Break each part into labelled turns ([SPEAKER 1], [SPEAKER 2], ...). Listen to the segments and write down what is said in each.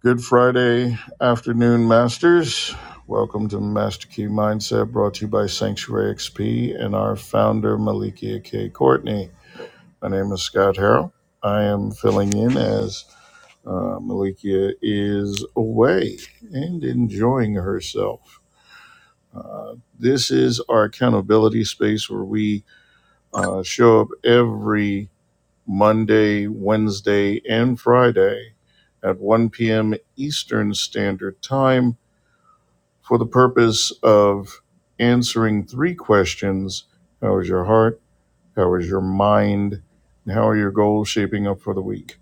[SPEAKER 1] Good Friday afternoon, Masters. Welcome to Master Key Mindset, brought to you by Sanctuary XP and our founder, Malikia K. Courtney. My name is Scott Harrell. I am filling in as uh, Malikia is away and enjoying herself. Uh, this is our accountability space where we uh, show up every Monday, Wednesday, and Friday at 1 p.m. Eastern Standard Time for the purpose of answering three questions How is your heart? How is your mind? And how are your goals shaping up for the week?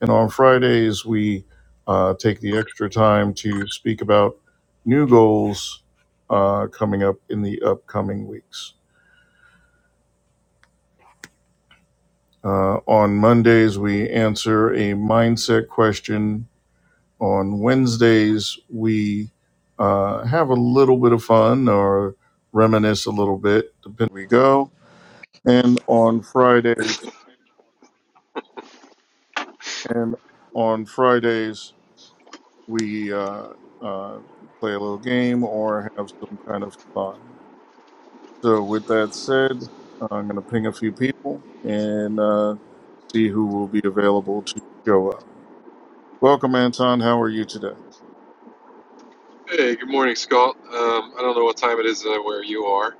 [SPEAKER 1] And on Fridays, we uh, take the extra time to speak about new goals uh, coming up in the upcoming weeks. Uh, on Mondays, we answer a mindset question on Wednesdays, we uh, have a little bit of fun or reminisce a little bit, depending where we go. And on Fridays, and on Fridays, we uh, uh, play a little game or have some kind of fun. So, with that said, I'm going to ping a few people and uh, see who will be available to show up. Welcome, Anton. How are you today?
[SPEAKER 2] Hey, good morning, Scott. Um, I don't know what time it is uh, where you are.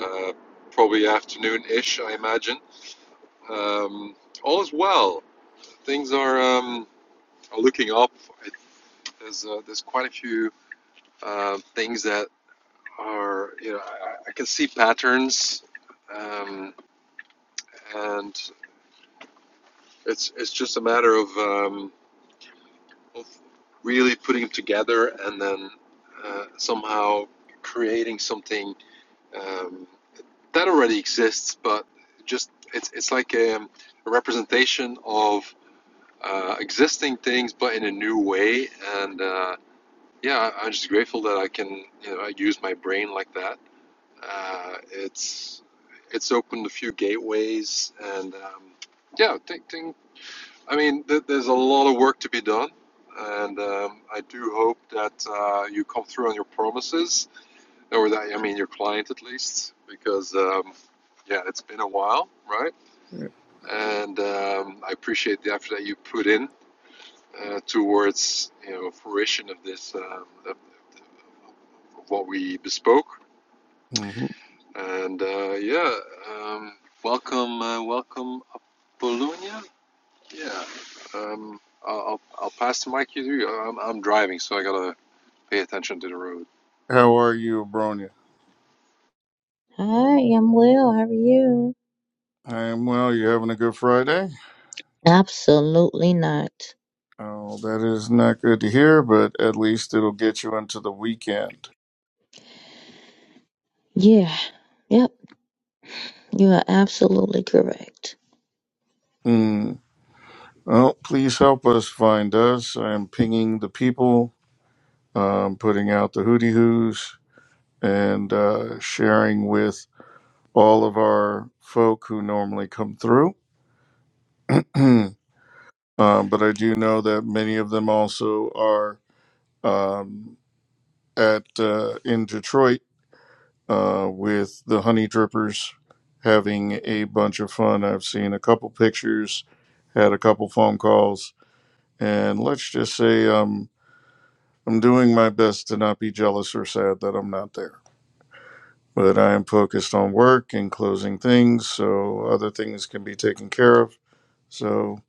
[SPEAKER 2] Uh, probably afternoon-ish, I imagine. Um, all is well. Things are, um, are looking up. It, there's uh, there's quite a few uh, things that are you know I, I can see patterns, um, and it's it's just a matter of um, of really putting them together and then uh, somehow creating something. Um, that already exists, but just it's it's like um, a representation of uh, existing things, but in a new way. And uh, yeah, I- am just grateful that I can you know use my brain like that. Uh, it's it's opened a few gateways, and um, yeah, think, think, I mean, th- there's a lot of work to be done. And um, I do hope that uh, you come through on your promises or that, I mean, your client at least, because um, yeah, it's been a while, right? And um, I appreciate the effort that you put in uh, towards you know fruition of this um, of what we bespoke.
[SPEAKER 1] Mhm.
[SPEAKER 2] And uh, yeah, um, welcome, uh, welcome, Apollonia. Yeah, um, I'll I'll I'll pass the mic to you. I'm I'm driving, so I gotta pay attention to the road.
[SPEAKER 1] How are you, Abronia?
[SPEAKER 3] I am well. How are you?
[SPEAKER 1] I am well. you having a good Friday.
[SPEAKER 3] Absolutely not.
[SPEAKER 1] Oh, that is not good to hear, but at least it'll get you into the weekend.
[SPEAKER 3] Yeah. Yep. You are absolutely correct.
[SPEAKER 1] Mm. Well, please help us find us. I am pinging the people, um, putting out the hooty hoos, and uh, sharing with all of our folk who normally come through. um, but I do know that many of them also are um, at uh, in Detroit uh, with the honey drippers having a bunch of fun. I've seen a couple pictures, had a couple phone calls, and let's just say um, I'm doing my best to not be jealous or sad that I'm not there. But I am focused on work and closing things so other things can be taken care of. So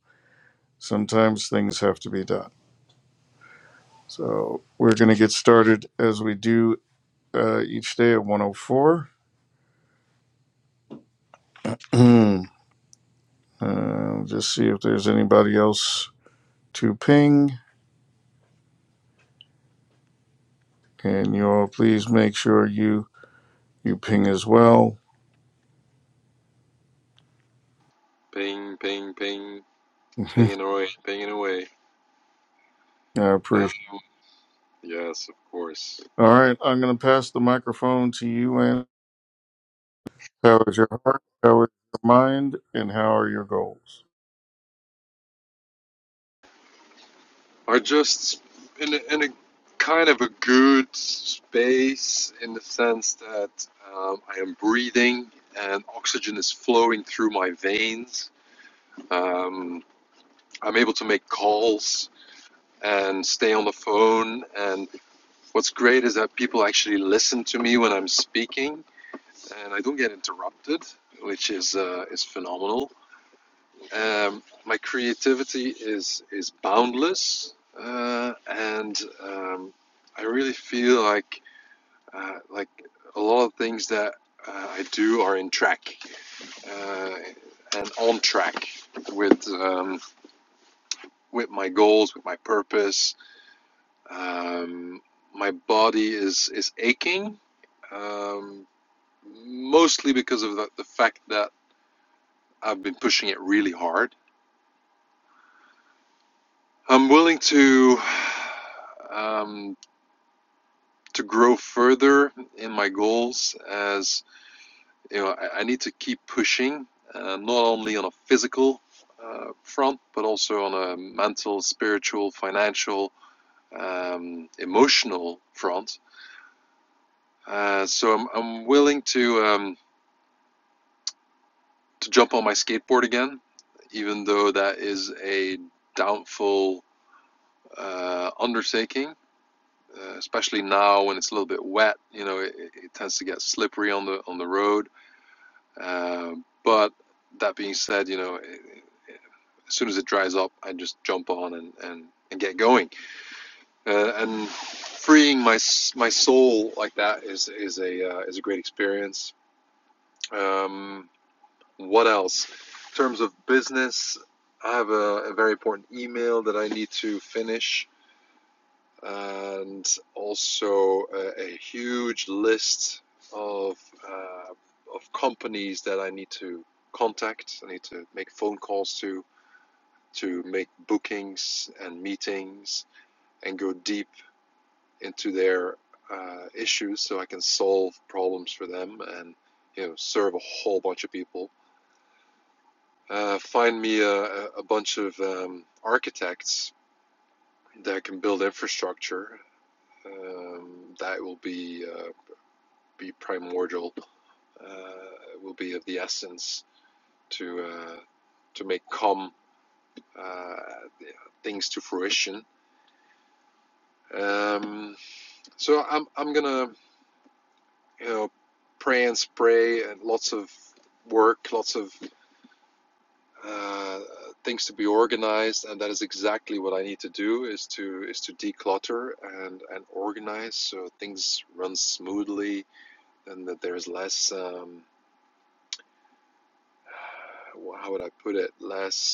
[SPEAKER 1] sometimes things have to be done. So we're going to get started as we do uh, each day at 104. uh, just see if there's anybody else to ping, and you'll please make sure you you ping as well.
[SPEAKER 2] Ping, ping, ping,
[SPEAKER 1] I
[SPEAKER 2] pinging away, pinging away. Uh,
[SPEAKER 1] appreciate.
[SPEAKER 2] yes, of course.
[SPEAKER 1] it. All right, I'm going to pass the microphone to you. And how is your heart? How is your mind? And how are your goals?
[SPEAKER 2] are just in a, in a kind of a good space in the sense that um, I am breathing and oxygen is flowing through my veins. Um, I'm able to make calls and stay on the phone. And what's great is that people actually listen to me when I'm speaking, and I don't get interrupted, which is uh, is phenomenal. Um, my creativity is is boundless, uh, and um, I really feel like uh, like a lot of things that uh, I do are in track uh, and on track with um, with my goals, with my purpose. Um, my body is is aching, um, mostly because of the, the fact that I've been pushing it really hard. I'm willing to um, to grow further in my goals as you know I, I need to keep pushing uh, not only on a physical uh, front but also on a mental spiritual financial um, emotional front uh, so I'm, I'm willing to um, to jump on my skateboard again even though that is a doubtful uh, undertaking uh, especially now when it's a little bit wet you know it, it it tends to get slippery on the on the road Um, but that being said, you know, as soon as it dries up, I just jump on and, and, and get going. Uh, and freeing my my soul like that is is a uh, is a great experience. Um, what else? In terms of business, I have a, a very important email that I need to finish and also a, a huge list of uh, of companies that I need to contact. I need to make phone calls to to make bookings and meetings and go deep into their uh, issues so I can solve problems for them and you know serve a whole bunch of people. Uh, find me a, a bunch of um, architects that can build infrastructure. Um, that will be uh, be primordial, uh, will be of the essence to uh, to make come uh, things to fruition. Um, so I'm I'm gonna you know pray and spray and lots of work, lots of uh, things to be organized, and that is exactly what I need to do is to is to declutter and and organize so things run smoothly and that there's less um, how would I put it less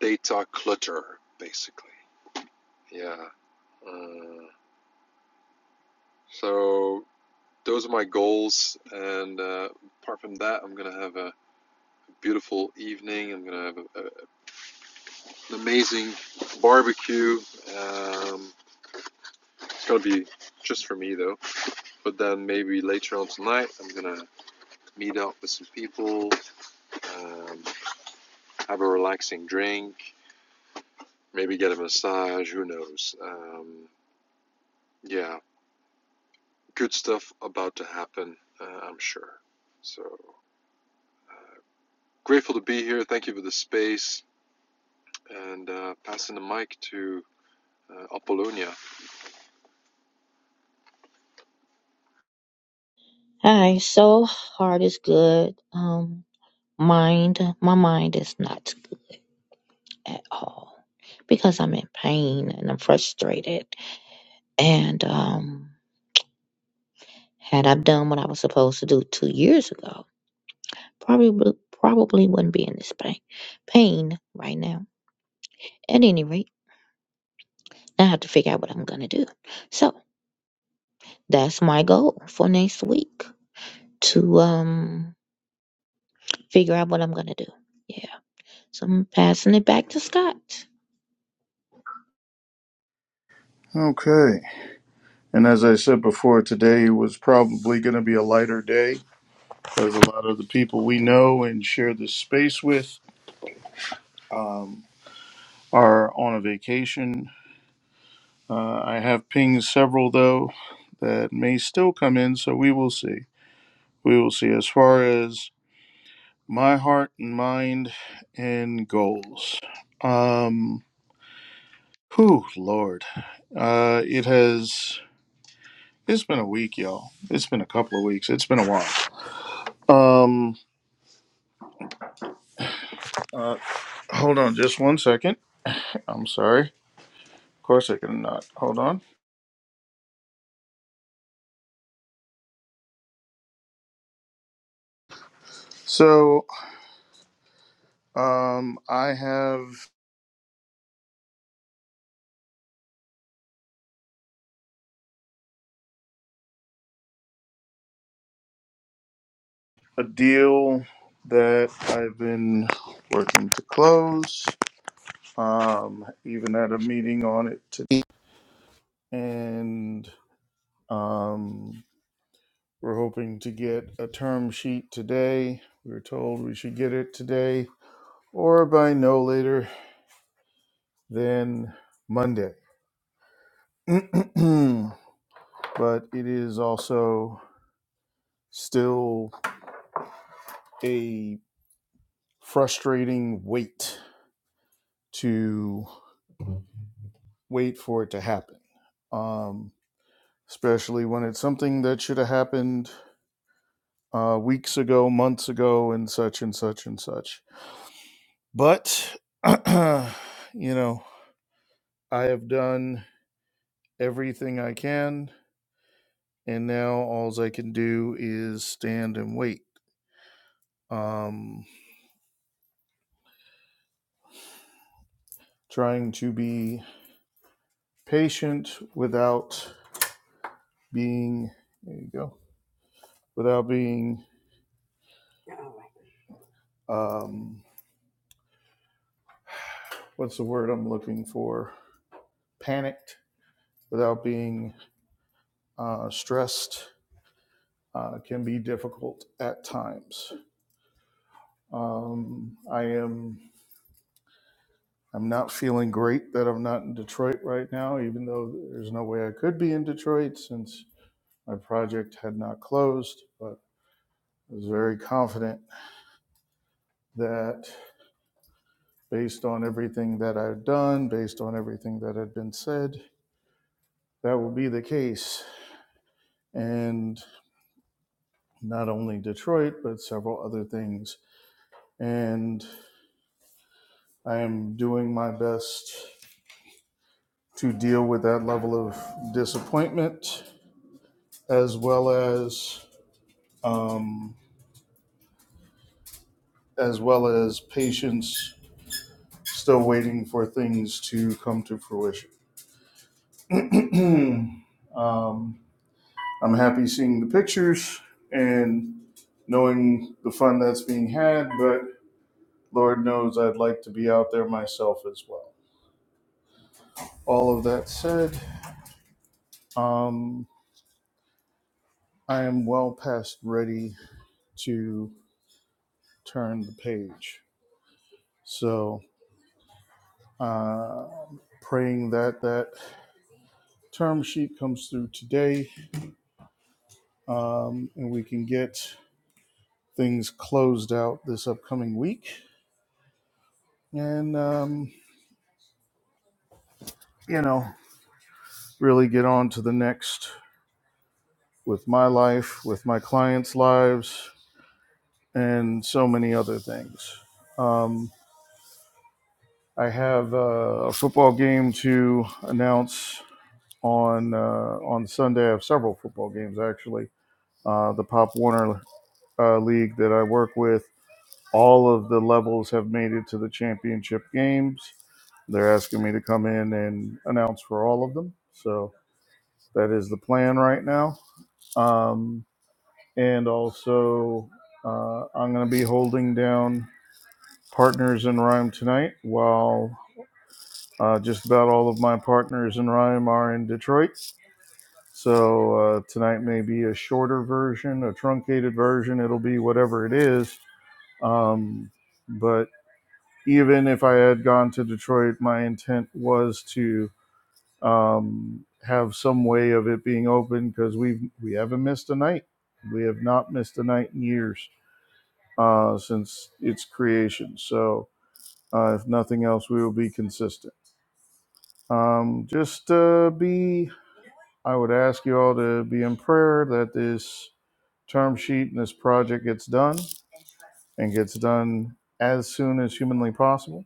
[SPEAKER 2] data clutter, basically. Yeah. Uh, so those are my goals. And uh, apart from that, I'm going to have a beautiful evening. I'm going to have a, a, an amazing barbecue. Um, it's going to be just for me, though. But then maybe later on tonight, I'm going to meet up with some people, um, have a relaxing drink, maybe get a massage, who knows. Um, yeah, good stuff about to happen, uh, I'm sure. So grateful to be here. Thank you for the space, and uh, passing the mic to uh, Apollonia.
[SPEAKER 3] All right. So heart is good. Um, mind, my mind is not good at all because I'm in pain and I'm frustrated. And um, had I done what I was supposed to do two years ago, probably probably wouldn't be in this pain pain right now. At any rate, I have to figure out what I'm gonna do. So. that's my goal for next week to um figure out what I'm gonna do. Yeah. So I'm passing it back to Scott.
[SPEAKER 1] Okay. And as I said before, today was probably going to be a lighter day because a lot of the people we know and share this space with um, are on a vacation. Uh, I have pinged several though that may still come in, so we will see. we will see as far as my heart and mind and goals um whew lord uh it has it's been a week y'all it's been a couple of weeks it's been a while um uh hold on just one second i'm sorry of course i can not hold on so um i have a deal that i've been working to close um even had a meeting on it today and Um, we're hoping to get a term sheet today. We were told we should get it today or by no later than Monday. but it is also still a frustrating wait to wait for it to happen, um, especially when it's something that should have happened uh, weeks ago, months ago, and such and such and such. But, you know, I have done everything I can, and now all I can do is stand and wait. Um, trying to be patient without being there you go without being um, what's the word I'm looking for panicked without being uh, stressed uh, can be difficult at times. Um, I am I'm not feeling great that I'm not in Detroit right now, even though there's no way I could be in Detroit since my project had not closed. But I was very confident that based on everything that I've done, based on everything that had been said, that will be the case. And not only Detroit, but several other things. And I am doing my best to deal with that level of disappointment as well as. Um, as well as patients still waiting for things to come to fruition. um, I'm happy seeing the pictures and knowing the fun that's being had, but Lord knows I'd like to be out there myself as well. All of that said, um, I am well past ready to turn the page. So, uh, praying that that term sheet comes through today um, and we can get things closed out this upcoming week and um, you know really get on to the next with my life with my clients lives and so many other things um, i have uh, a football game to announce on uh, on sunday i have several football games actually uh, the pop warner uh, league that i work with All of the levels have made it to the championship games. They're asking me to come in and announce for all of them. So that is the plan right now. Um, and also, uh, I'm going to be holding down partners in rhyme tonight while uh, just about all of my partners in rhyme are in Detroit. So uh, tonight may be a shorter version, a truncated version. It'll be whatever it is. Um, but even if I had gone to Detroit, my intent was to um, have some way of it being open because we've we haven't missed a night. We have not missed a night in years uh, since its creation. So, uh, if nothing else, we will be consistent. Um, just uh, be. I would ask you all to be in prayer that this term sheet and this project gets done and gets done as soon as humanly possible.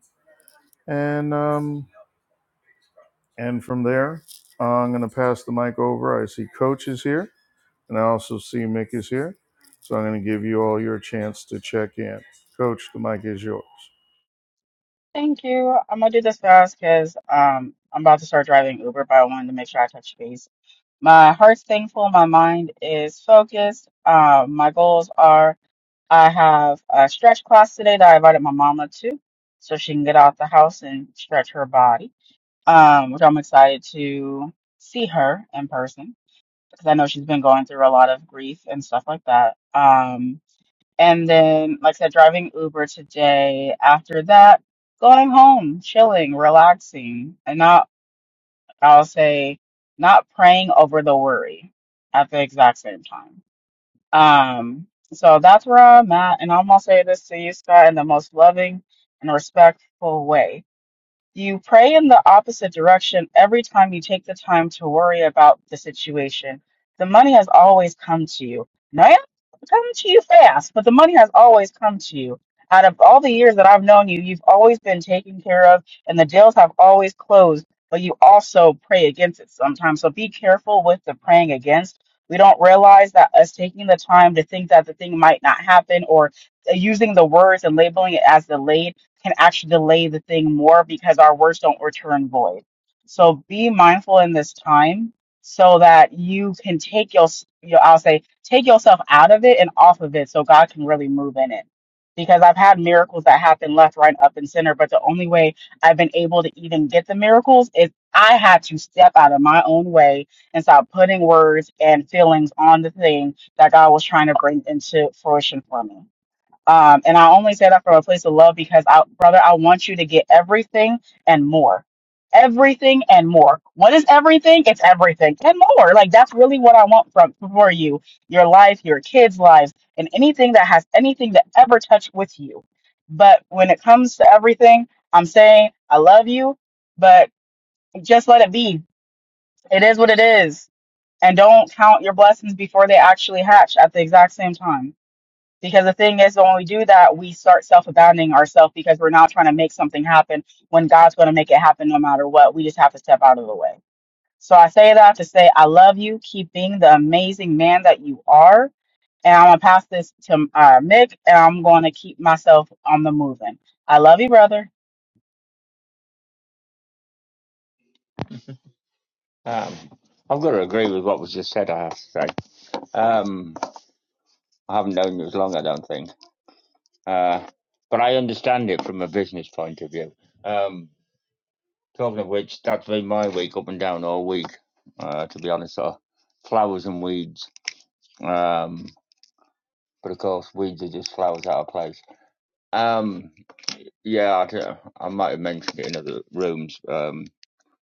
[SPEAKER 1] And um, And from there, uh, I'm going to pass the mic over. I see Coach is here, and I also see Mick is here. So I'm going to give you all your chance to check in. Coach, the mic is yours.
[SPEAKER 4] Thank you. I'm gonna do this fast because um I'm about to start driving Uber, but I wanted to make sure I touch base. My heart's thankful. My mind is focused. Um, my goals are I have a stretch class today that I invited my mama to, so she can get out the house and stretch her body. Um, which I'm excited to see her in person because I know she's been going through a lot of grief and stuff like that. Um, and then, like I said, driving Uber today. After that, going home, chilling, relaxing, and not, I'll say, not praying over the worry at the exact same time. Um, so that's where I'm at. And I'm gonna say this to you, Scott, in the most loving and respectful way. You pray in the opposite direction every time you take the time to worry about the situation. The money has always come to you. Now, it hasn't come to you fast, but the money has always come to you. Out of all the years that I've known you, you've always been taken care of, and the deals have always closed, but you also pray against it sometimes. So be careful with the praying against. We don't realize that us taking the time to think that the thing might not happen or uh, using the words and labeling it as delayed can actually delay the thing more because our words don't return void. So be mindful in this time so that you can take your, you know, I'll say, take yourself out of it and off of it so God can really move in it. Because I've had miracles that happen left, right, up, and center, but the only way I've been able to even get the miracles is I had to step out of my own way and stop putting words and feelings on the thing that God was trying to bring into fruition for me. Um, and I only say that from a place of love because, I, brother, I want you to get everything and more. Everything and more. What is everything? It's everything and more. Like that's really what I want from for you, your life, your kids' lives, and anything that has anything to ever touch with you. But when it comes to everything, I'm saying I love you, but just let it be. It is what it is, and don't count your blessings before they actually hatch at the exact same time. Because the thing is, when we do that, we start self abandoning ourselves because we're not trying to make something happen when God's going to make it happen no matter what. We just have to step out of the way. So I say that to say, I love you. Keep being the amazing man that you are. And I'm going to pass this to uh, Mick and I'm going to keep myself on the moving. I love you, brother.
[SPEAKER 5] Um, I've got to agree with what was just said, I have to say. Um, I haven't known you as long, I don't think. Uh, but I understand it from a business point of view. Um, talking of which, that's been my week up and down all week, uh, to be honest. So, flowers and weeds. Um, but of course, weeds are just flowers out of place. Um, yeah, I, don't- I might have mentioned it in other rooms. Um,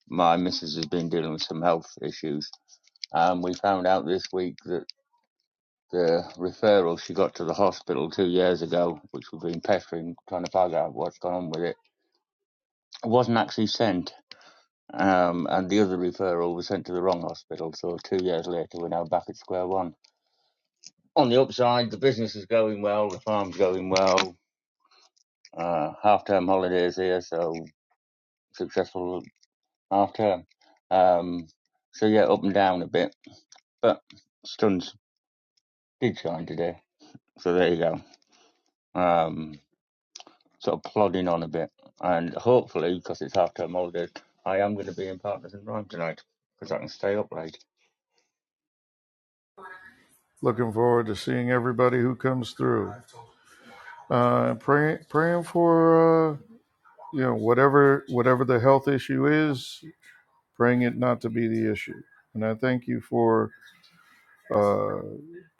[SPEAKER 5] my missus has been dealing with some health issues. Um, we found out this week that the referral she got to the hospital two years ago, which we've been pestering, trying to find out what's gone on with it, wasn't actually sent. Um, and the other referral was sent to the wrong hospital. So two years later, we're now back at square one. On the upside, the business is going well, the farm's going well. Uh, half term holidays here, so successful half term. Um, so yeah, up and down a bit, but stuns did shine today. So there you go. Um, sort of plodding on a bit. And hopefully, because it's half term holidays, I am going to be in Partners in Rhyme tonight because I can stay up late.
[SPEAKER 1] Looking forward to seeing everybody who comes through. Uh, pray, praying for uh, you know whatever whatever the health issue is, praying it not to be the issue. And I thank you for uh,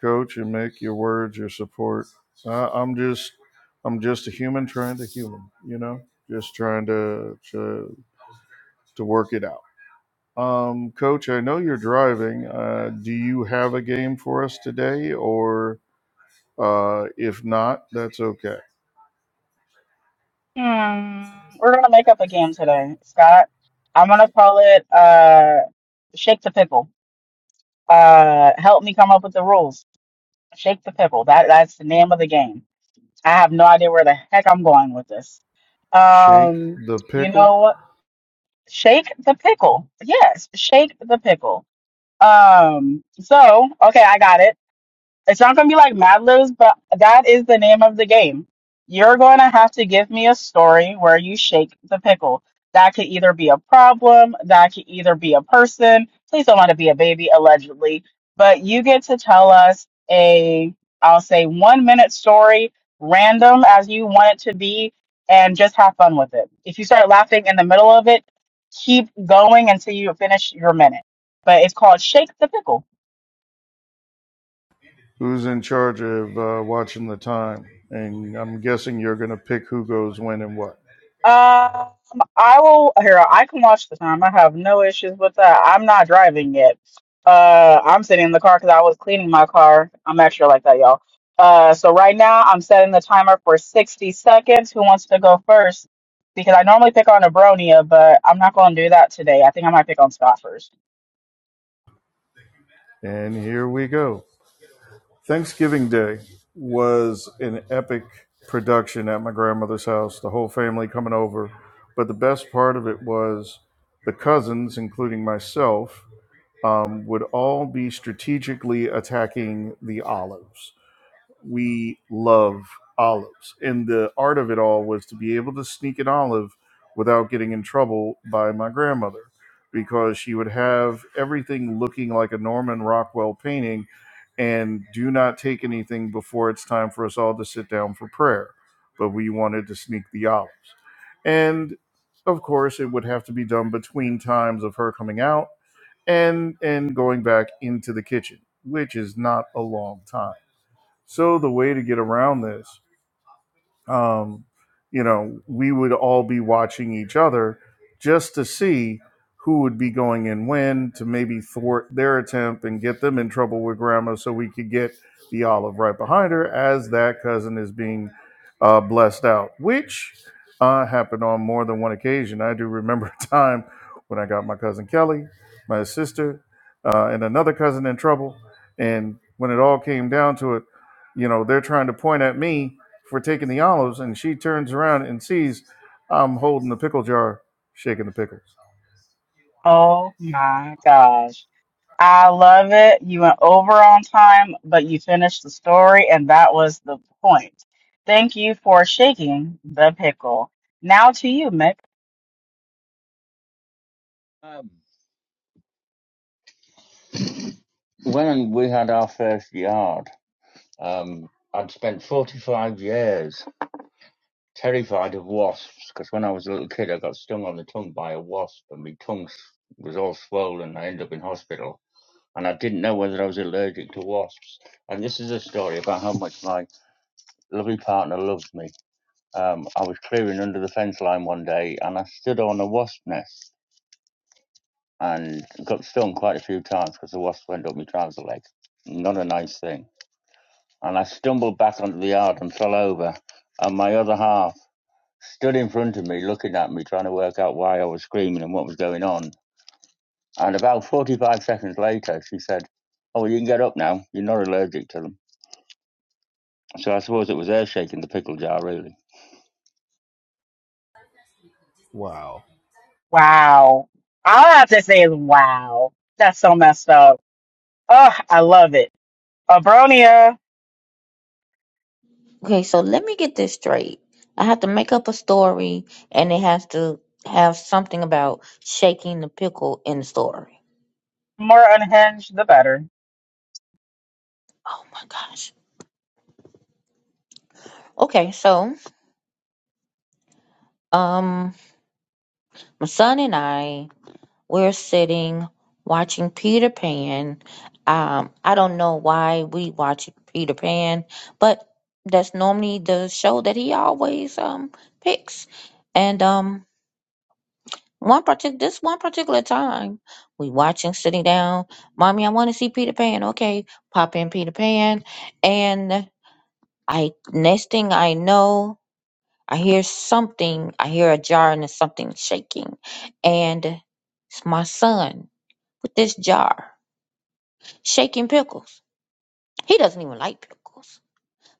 [SPEAKER 1] coach and make your words your support. I, I'm just I'm just a human trying to human, you know, just trying to to to work it out. Um, coach, I know you're driving. Uh, do you have a game for us today, or uh, if not, that's okay.
[SPEAKER 4] Hmm. We're going to make up a game today, Scott. I'm going to call it uh, Shake the Pickle. Uh, help me come up with the rules. Shake the Pickle. That, that's the name of the game. I have no idea where the heck I'm going with this.
[SPEAKER 1] Shake
[SPEAKER 4] Um,
[SPEAKER 1] the
[SPEAKER 4] you
[SPEAKER 1] pickle.
[SPEAKER 4] know, shake the pickle. Yes, shake the pickle. Um, so okay, I got it. It's not going to be like Mad Libs, but that is the name of the game. You're going to have to give me a story where you shake the pickle. That could either be a problem, that could either be a person. Please don't want to be a baby, allegedly. But you get to tell us a, I'll say, one minute story, random as you want it to be, and just have fun with it. If you start laughing in the middle of it, keep going until you finish your minute. But it's called Shake the Pickle.
[SPEAKER 1] Who's in charge of uh, watching the time? And I'm guessing you're going to pick who goes when and what.
[SPEAKER 4] Um, I will. Here, I can watch the time. I have no issues with that. I'm not driving yet. Uh, I'm sitting in the car because I was cleaning my car. I'm extra like that, y'all. Uh, so right now I'm setting the timer for 60 seconds. Who wants to go first? Because I normally pick on Abronia, but I'm not going to do that today. I think I might pick on Scott first.
[SPEAKER 1] And here we go. Thanksgiving Day was an epic production at my grandmother's house, the whole family coming over. But the best part of it was the cousins, including myself, um, would all be strategically attacking the olives we love olives. And the art of it all was to be able to sneak an olive without getting in trouble by my grandmother because she would have everything looking like a Norman Rockwell painting and do not take anything before it's time for us all to sit down for prayer. But we wanted to sneak the olives. And of course, it would have to be done between times of her coming out and and going back into the kitchen, which is not a long time so the way to get around this um, you know, we would all be watching each other just to see who would be going in when to maybe thwart their attempt and get them in trouble with grandma so we could get the olive right behind her as that cousin is being uh, blessed out, which uh, happened on more than one occasion. I do remember a time when I got my cousin Kelly, my sister, uh, and another cousin in trouble. And when it all came down to it, you know, they're trying to point at me for taking the olives, and she turns around and sees I'm holding the pickle jar, shaking the pickles.
[SPEAKER 4] Oh my gosh. I love it. You went over on time, but you finished the story, and that was the point. Thank you for shaking the pickle. Now to you, Mick.
[SPEAKER 5] Um, when we had our first yard, um, I'd spent 45 years terrified of wasps because when I was a little kid, I got stung on the tongue by a wasp and my tongue was all swollen. and I ended up in hospital. And I didn't know whether I was allergic to wasps. And this is a story about how much my lovely partner loves me Um, I was clearing under the fence line one day and I stood on a wasp nest and got stung quite a few times because the wasp went up my trouser leg. Not a nice thing. And I stumbled back onto the yard and fell over. And my other half stood in front of me looking at me, trying to work out why I was screaming and what was going on. And about 45 seconds later, she said, Oh, well, you can get up now. You're not allergic to them. So I suppose it was her shaking the pickle jar, really.
[SPEAKER 1] Wow.
[SPEAKER 4] Wow. All I have to say is wow. That's so messed up. Oh, I love it. Abronia,
[SPEAKER 3] Okay, so let me get this straight. I have to make up a story and it has to have something about shaking the pickle in the story.
[SPEAKER 4] more unhinged, the better.
[SPEAKER 3] Oh my gosh. Okay, so um my son and I we're sitting watching Peter Pan. Um, I don't know why we watch Peter Pan, but that's normally the show that he always um picks. And um, one partic this one particular time, we watching sitting down. Mommy, I want to see Peter Pan. Okay, pop in Peter Pan, and I next thing I know. I hear something. I hear a jar and there's something shaking, and it's my son with this jar shaking pickles. He doesn't even like pickles.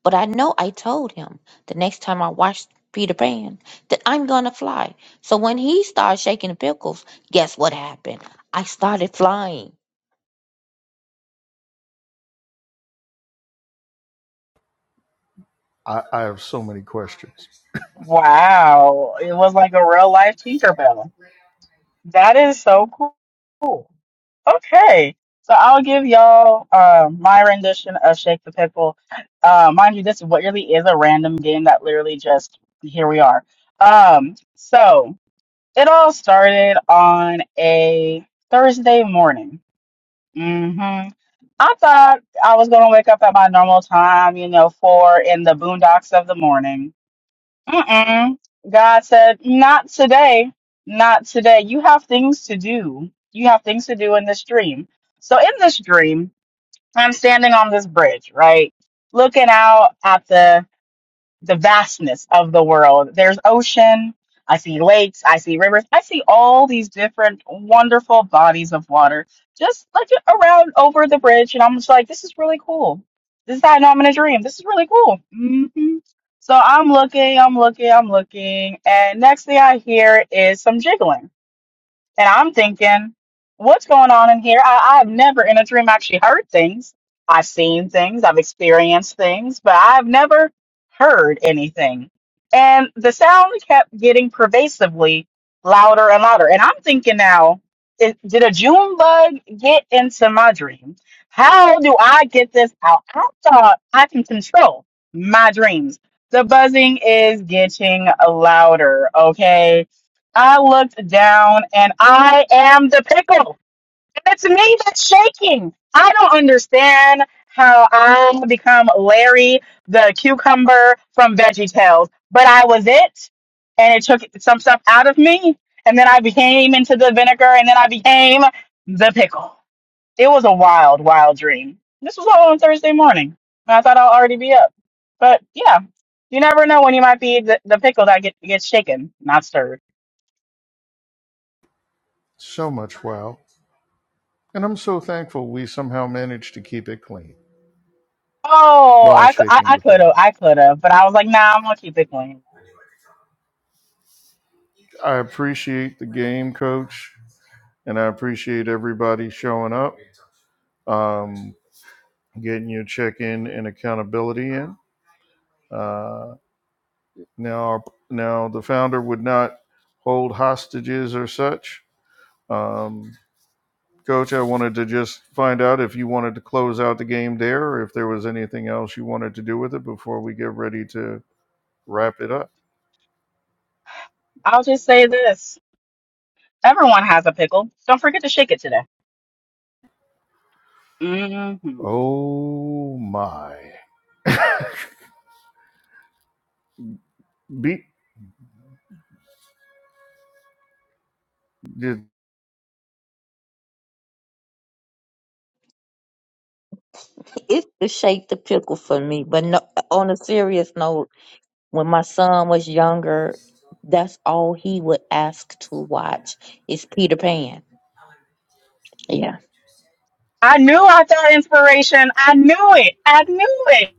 [SPEAKER 3] But I know I told him the next time I watch Peter Pan that I'm gonna fly. So when he started shaking the pickles, guess what happened? I started flying.
[SPEAKER 1] I, I have so many questions.
[SPEAKER 4] Wow. It was like a real life teacher bell. That is so cool. Okay. So I'll give y'all uh, my rendition of Shake the Pickle. Uh, mind you, this really is a random game that literally just here we are. Um, so it all started on a Thursday morning. Mhm. I thought I was gonna wake up at my normal time, you know, four in the boondocks of the morning. Mm-mm. God said, "Not today, not today. You have things to do. You have things to do in this dream." So in this dream, I'm standing on this bridge, right, looking out at the the vastness of the world. There's ocean, I see lakes, I see rivers, I see all these different wonderful bodies of water just like around over the bridge. And I'm just like, this is really cool. This is how I know I'm in a dream. This is really cool. hmm So I'm looking, I'm looking, I'm looking. And next thing I hear is some jiggling. And I'm thinking, what's going on in here? I, I've never in a dream actually heard things. I've seen things, I've experienced things, but I've never heard anything. And the sound kept getting pervasively louder and louder. And I'm thinking now, i- did a June bug get into my dream? How do I get this out? I thought I can control my dreams. The buzzing is getting louder, okay? I looked down and I am the pickle. And it's me that's shaking. I don't understand how I become Larry the cucumber from Veggie Tales, but I was it. And it took some stuff out of me. And then I became into the vinegar and then I became the pickle. It was a wild, wild dream. This was all on Thursday morning. And I thought I'll already be up. But yeah, you never know when you might be the, the pickle that get, gets shaken, not stirred.
[SPEAKER 1] So much wow. And I'm so thankful we somehow managed to keep it clean
[SPEAKER 4] Oh,
[SPEAKER 1] while
[SPEAKER 4] I,
[SPEAKER 1] shaking
[SPEAKER 4] I
[SPEAKER 1] the
[SPEAKER 4] could
[SPEAKER 1] pickles.
[SPEAKER 4] have, I could have, but I was like, nah, I'm gonna keep it clean.
[SPEAKER 1] I appreciate the game, coach, and I appreciate everybody showing up, um, getting your check in and accountability in. Uh, now, our, now the founder would not hold hostages or such. Um, Coach, I wanted to just find out if you wanted to close out the game there or if there was anything else you wanted to do with it before we get ready to wrap it up.
[SPEAKER 4] I'll just say this: everyone has a pickle. Don't forget to shake it today. hmm
[SPEAKER 1] Oh my. Beat did
[SPEAKER 3] It's to shake the pickle for me. But no, on a serious note, when my son was younger, that's all he would ask to watch is Peter Pan. Yeah.
[SPEAKER 4] I knew I thought inspiration. I knew it. I knew it.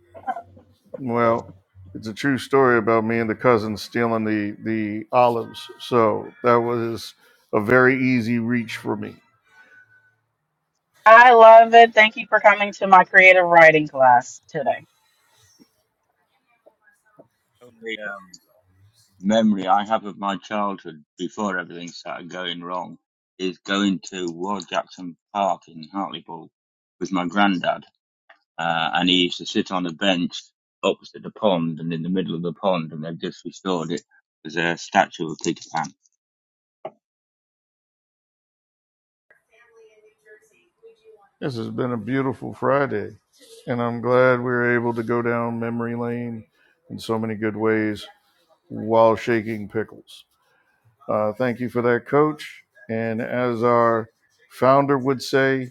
[SPEAKER 1] well, it's a true story about me and the cousins stealing the the olives. So that was a very easy reach for me.
[SPEAKER 4] I love it. Thank you for coming to my creative writing class today.
[SPEAKER 5] Only memory I have of my childhood before everything started going wrong is going to Ward Jackson Park in Hartlepool with my granddad, uh, and he used to sit on a bench opposite the pond, and in the middle of the pond, and they've just restored it. There's a statue of Peter Pan.
[SPEAKER 1] This has been a beautiful Friday, and I'm glad we were able to go down memory lane in so many good ways while shaking pickles. Uh, thank you for that, Coach. And as our founder would say,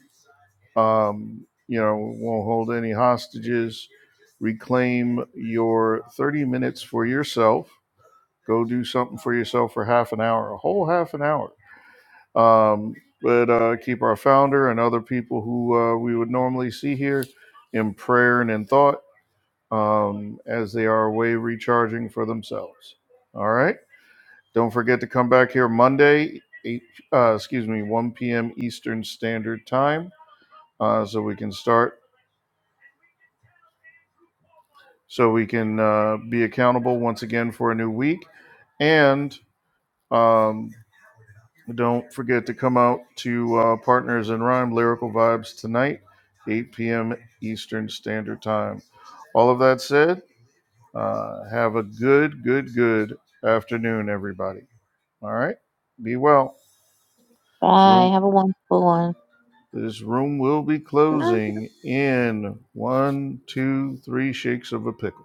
[SPEAKER 1] um, you know, won't hold any hostages. Reclaim your 30 minutes for yourself. Go do something for yourself for half an hour, a whole half an hour. Um, but uh, keep our founder and other people who uh, we would normally see here in prayer and in thought um, as they are away recharging for themselves. All right. Don't forget to come back here Monday, eight, uh, excuse me, 1 p.m. Eastern Standard Time, uh, so we can start, so we can uh, be accountable once again for a new week. And um, don't forget to come out to uh, Partners in Rhyme Lyrical Vibes tonight, 8 p.m. Eastern Standard Time. All of that said, uh, have a good, good, good afternoon, everybody. All right? Be well. This
[SPEAKER 3] Bye.
[SPEAKER 1] room
[SPEAKER 3] Have a wonderful one.
[SPEAKER 1] This room will be closing in one, two, three shakes of a pickle.